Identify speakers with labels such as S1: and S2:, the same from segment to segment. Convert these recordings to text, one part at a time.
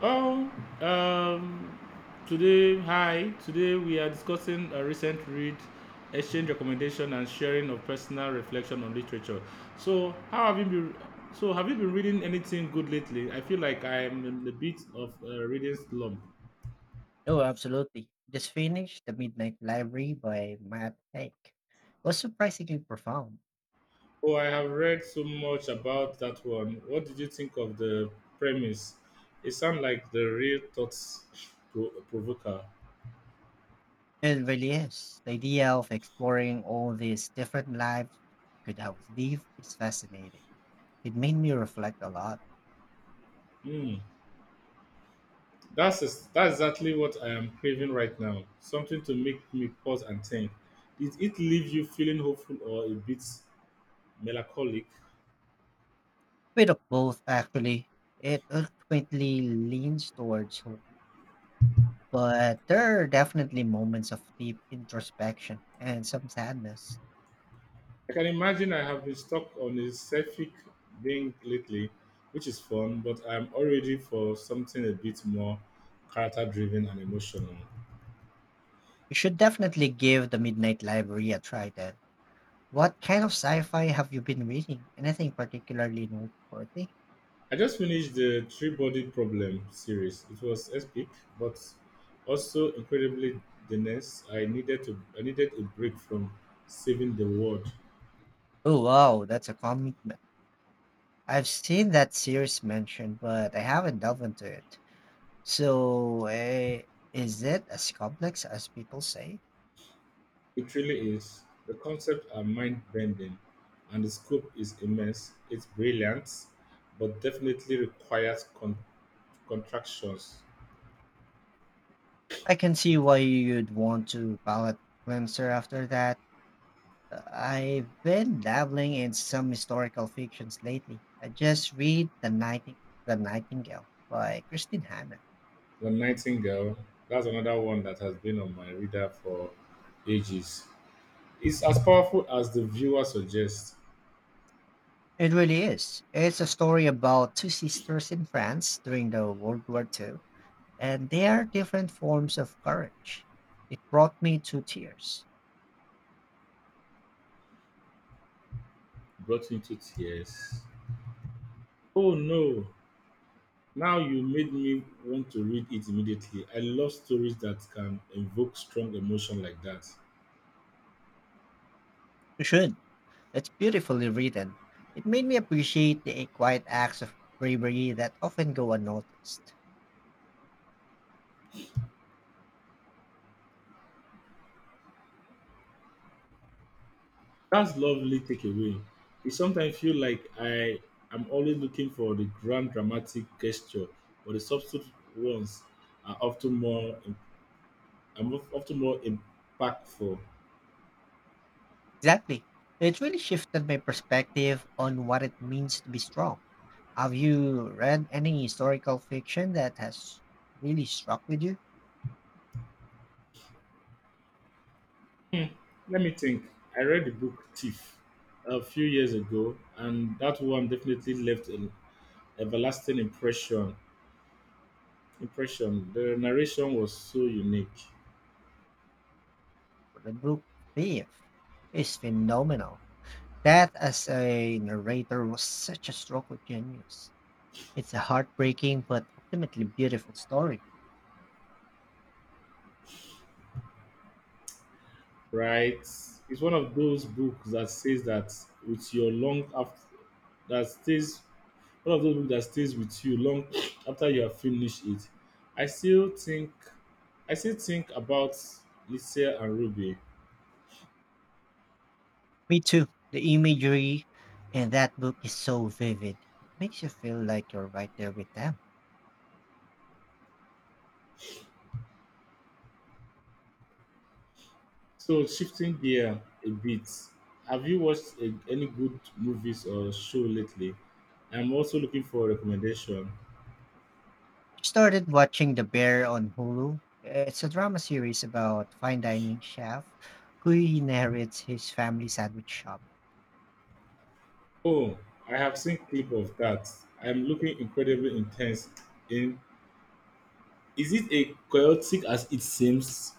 S1: Oh, um, today, hi. Today we are discussing a recent read, exchange recommendation, and sharing of personal reflection on literature. So, how have you been? So, have you been reading anything good lately? I feel like I am in a bit of a reading slump.
S2: Oh, absolutely. Just finished The Midnight Library by Matt Haig. Was surprisingly profound.
S1: Oh, I have read so much about that one. What did you think of the premise? It sounds like the real thoughts provoker.
S2: It really is. The idea of exploring all these different lives you could have lived is fascinating. It made me reflect a lot.
S1: Hmm. That's exactly what I am craving right now. Something to make me pause and think. Did it leave you feeling hopeful or a bit melancholic?
S2: Bit of both, actually. It ultimately leans towards hope, but there are definitely moments of deep introspection and some sadness.
S1: I can imagine I have been stuck on a selfic thing lately, which is fun, but I'm already for something a bit more character driven and emotional.
S2: You should definitely give The Midnight Library a try then. What kind of sci-fi have you been reading? Anything particularly noteworthy?
S1: I just finished the Three Body Problem series. It was epic, but also incredibly dense. I needed a break from saving the world.
S2: Oh wow, that's a commitment. I've seen that series mentioned, but I haven't delved into it. So, is it as complex as people say?
S1: It really is. The concepts are mind bending and the scope is immense. It's brilliant, but definitely requires contractions.
S2: I can see why you'd want to palate cleanser after that. I've been dabbling in some historical fictions lately. I just read The Nightingale by Christine Hanna.
S1: The Nightingale, that's another one that has been on my radar for ages. It's as powerful as the viewer suggests,
S2: It really is. It's a story about two sisters in France during the World War Two, and their different forms of courage. It brought me to tears.
S1: brought me to tears. Oh no, now you made me want to read it immediately. I love stories that can evoke strong emotion like that.
S2: You should. It's beautifully written. It made me appreciate the quiet acts of bravery that often go unnoticed.
S1: That's lovely takeaway. It sometimes feel like I am always looking for the grand dramatic gesture, but the subtle ones are often more im- are mo- often more impactful.
S2: Exactly. It really shifted my perspective on what it means to be strong. Have you read any historical fiction that has really struck with you?
S1: Hmm, Let me think. I read the book Thief a few years ago, and that one definitely left an everlasting impression. Impression. The narration was so unique.
S2: The book Thief is phenomenal. That as a narrator was such a stroke of genius. It's a heartbreaking but ultimately beautiful story.
S1: Right? It's one of those books that says that with your long after that stays one of those books that stays with you long after you have finished it. I still think I still think about Lisa and Ruby.
S2: Me too. The imagery in that book is so vivid. It makes you feel like you're right there with them.
S1: So shifting gear a bit, have you watched any good movies or show lately? I'm also looking for a recommendation.
S2: Started watching The Bear on Hulu. It's a drama series about fine dining chef who inherits his family sandwich shop.
S1: Oh, I have seen clip of that. I'm looking incredibly intense in. Is it a chaotic as it seems?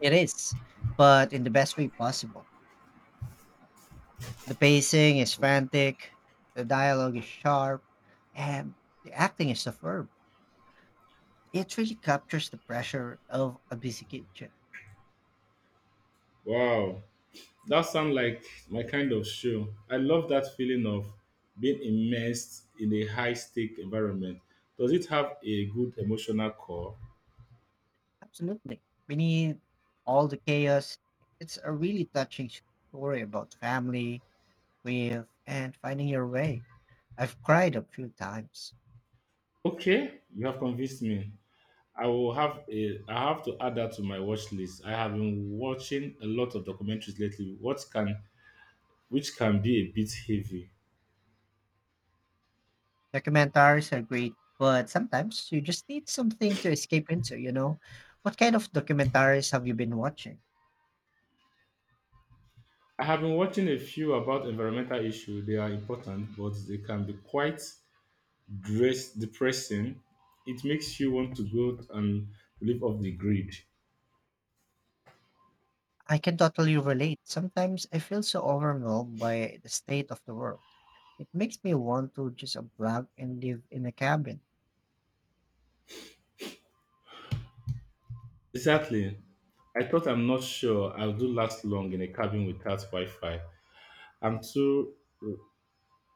S2: It is, but in the best way possible. The pacing is frantic, the dialogue is sharp, and the acting is superb. It really captures the pressure of a busy kitchen.
S1: Wow, that sounds like my kind of show. I love that feeling of being immersed in a high stake environment. Does it have a good emotional core?
S2: Absolutely. Beneath all the chaos, it's a really touching story about family, grief, and finding your way. I've cried a few times.
S1: Okay, you have convinced me. I have to add that to my watch list. I have been watching a lot of documentaries lately, what can which can be a bit heavy.
S2: Documentaries are great, but sometimes you just need something to escape into, you know? What kind of documentaries have you been watching?
S1: I have been watching a few about environmental issues. They are important, but they can be quite dress depressing, it makes you want to go and live off the grid.
S2: I can totally relate. Sometimes I feel so overwhelmed by the state of the world. It makes me want to just unplug and live in a cabin.
S1: Exactly. I thought I'm not sure I'll do last long in a cabin without Wi Fi. I'm too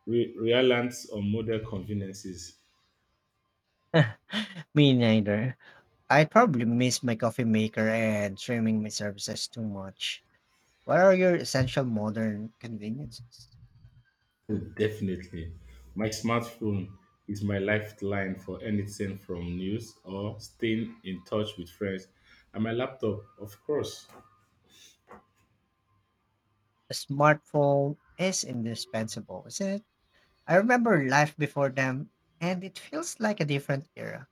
S1: reliant on modern conveniences.
S2: Me neither. I probably miss my coffee maker and streaming my services too much. What are your essential modern conveniences?
S1: Oh, definitely. My smartphone is my lifeline for anything from news or staying in touch with friends. And my laptop, of course,
S2: A smartphone is indispensable, isn't it? I remember life before them, and it feels like a different era.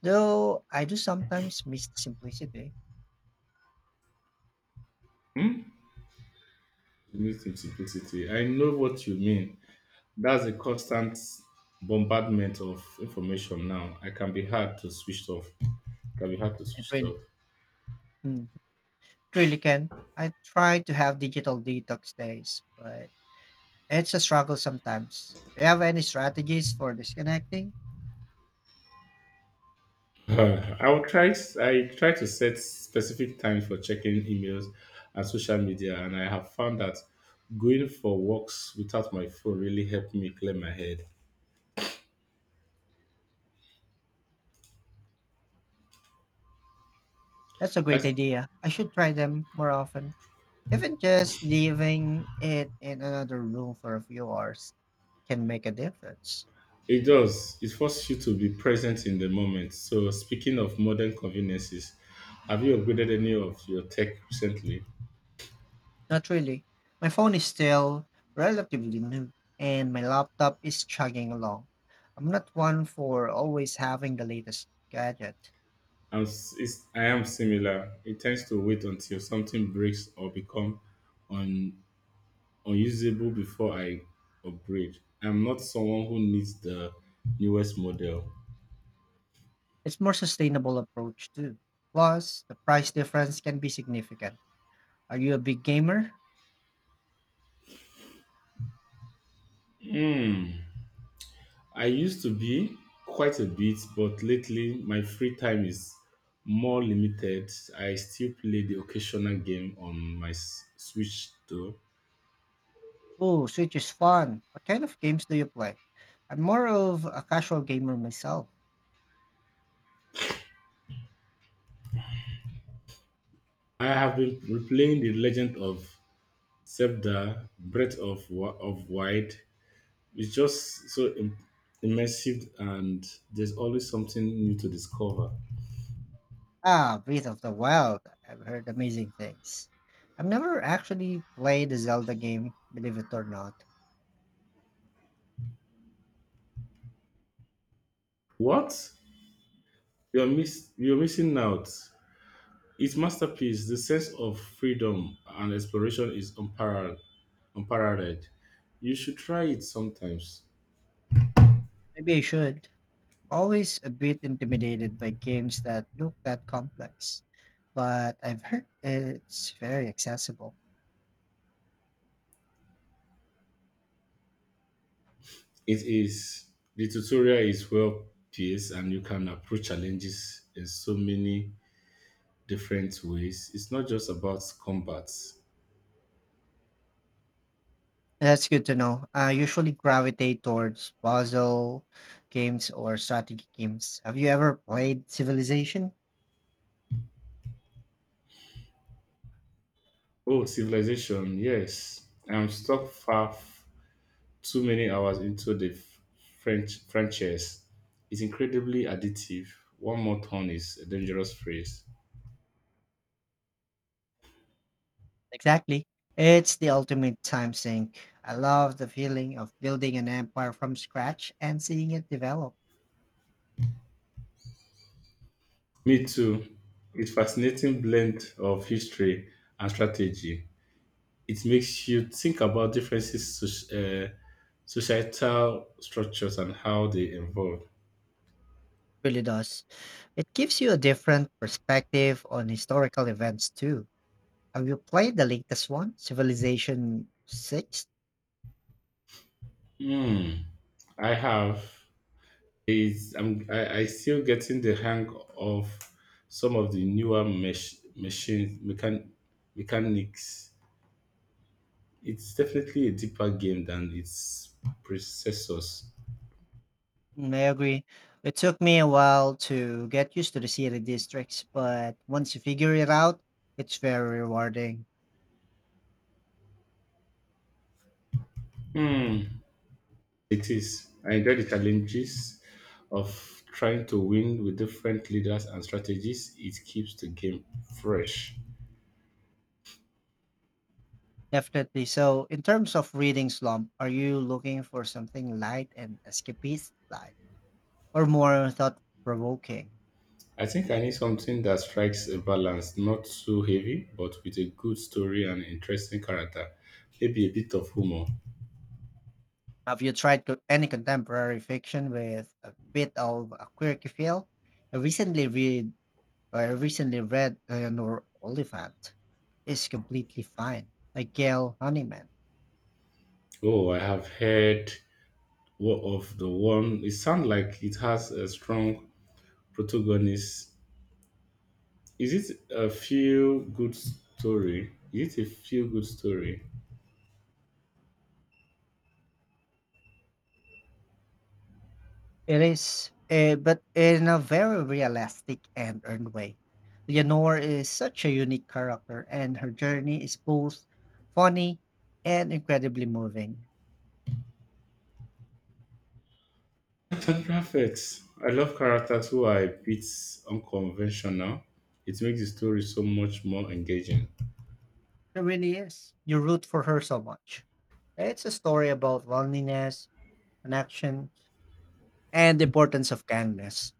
S2: Though I do sometimes miss the simplicity.
S1: needs simplicity. I know what you mean. That's a constant bombardment of information now. I can be hard to switch off. Can be hard to
S2: It
S1: switch
S2: really.
S1: off.
S2: It Really can. I try to have digital detox days, but it's a struggle sometimes. Do you have any strategies for disconnecting?
S1: I will try. I try to set specific times for checking emails and social media, and I have found that going for walks without my phone really helped me clear my head.
S2: That's a great
S1: As
S2: idea. I should try them more often. Even just leaving it in another room for a few hours can make a difference.
S1: it does, it forces you to be present in the moment. So, speaking of modern conveniences, have you upgraded any of your tech recently?
S2: Not really. My phone is still relatively new, and my laptop is chugging along. I'm not one for always having the latest gadget.
S1: I am similar. It tends to wait until something breaks or become un, unusable before I upgrade. I'm not someone who needs the newest model.
S2: It's more sustainable approach too. Plus, the price difference can be significant. Are you a big gamer?
S1: Hmm. I used to be quite a bit, but lately my free time is more limited. I still play the occasional game on my Switch though.
S2: Oh, Switch is fun. What kind of games do you play? I'm more of a casual gamer myself.
S1: I have been replaying the Legend of Zelda: Breath of Wild. It's just immersive, and there's always something new to discover.
S2: Ah, Breath of the Wild. I've heard amazing things. I've never actually played a Zelda game, believe it or not.
S1: What you're miss You're missing out. It's masterpiece. The sense of freedom and exploration is unparalleled. You should try it sometimes.
S2: Maybe I should. Always a bit intimidated by games that look that complex, but I've heard it's very accessible.
S1: It is. The tutorial is well paced, and you can approach challenges in so many different ways. It's not just about combat.
S2: That's good to know. I usually gravitate towards puzzle games or strategy games. Have you ever played Civilization?
S1: Oh, civilization, yes. I'm stuck far too many hours into the French franchise. Is incredibly addictive. One more turn is a dangerous phrase.
S2: Exactly. It's the ultimate time sink. I love the feeling of building an empire from scratch and seeing it develop.
S1: Me too. It's fascinating blend of history and strategy. It makes you think about differences, societal structures, and how they evolve.
S2: Really does. It gives you a different perspective on historical events too. Have you played the latest one, Civilization 6?
S1: Hmm. I have. I still getting the hang of some of the newer machine mechan, mechanics. It's definitely a deeper game than its predecessors.
S2: Mm, I agree. It took me a while to get used to the city districts, but once you figure it out, it's very rewarding.
S1: Hmm, it is. I enjoy the challenges of trying to win with different leaders and strategies. It keeps the game fresh.
S2: Definitely. So, in terms of reading slump, are you looking for something light and escapist like, or more thought provoking?
S1: I think I need something that strikes a balance, not too heavy, but with a good story and interesting character. Maybe a bit of humor.
S2: Have you tried any contemporary fiction with a bit of a quirky feel? I recently read, I recently read Eleanor Oliphant. It's completely fine. Like Gail Honeyman.
S1: Oh, I have heard what of the one. It sounds like it has a strong protagonist. Is it a feel good story?
S2: It is, but in a very realistic and earned way. Leonore is such a unique character, and her journey is both funny and incredibly moving.
S1: That's perfect. I love characters who are a bit unconventional. It makes the story so much more engaging.
S2: It really is. You root for her so much. It's a story about loneliness, connection, and the importance of kindness.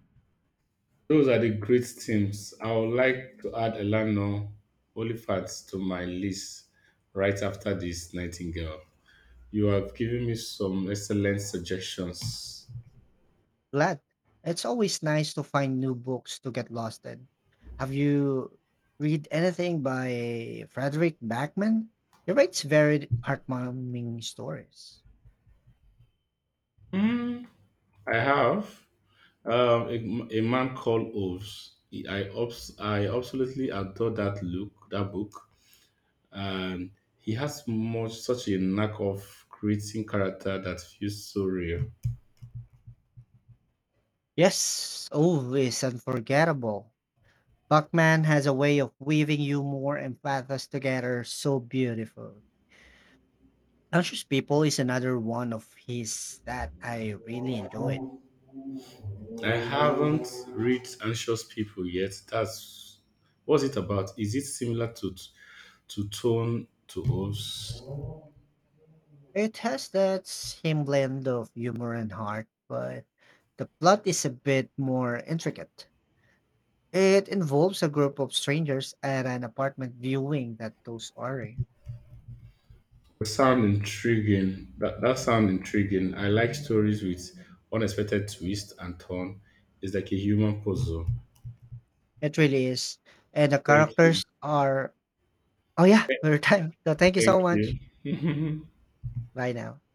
S1: Those are the great teams. I would like to add Elano Olifat to my list right after this Nightingale. You have given me some excellent suggestions.
S2: Glad. It's always nice to find new books to get lost in. Have you read anything by Frederick Backman? He writes very heartwarming stories.
S1: Hmm, I have. A man called Oves. I absolutely adore that book, and he has much such a knack of creating character that feels so real.
S2: Yes, always unforgettable. Buckman has a way of weaving humor and pathos together so beautiful. Anxious People is another one of his that I really enjoyed.
S1: I haven't read Anxious People yet. That's what's it about? Is it similar to Tone to Oves?
S2: It has that same blend of humor and heart, but the plot is a bit more intricate. It involves a group of strangers at an apartment viewing that goes awry.
S1: That that sound intriguing. I like stories with unexpected twist and turn. It's like a human puzzle.
S2: It really is. And the
S1: Thank you.
S2: characters are. Oh, yeah, we're time. So thank you
S1: Thank
S2: so much.
S1: you.
S2: Bye now.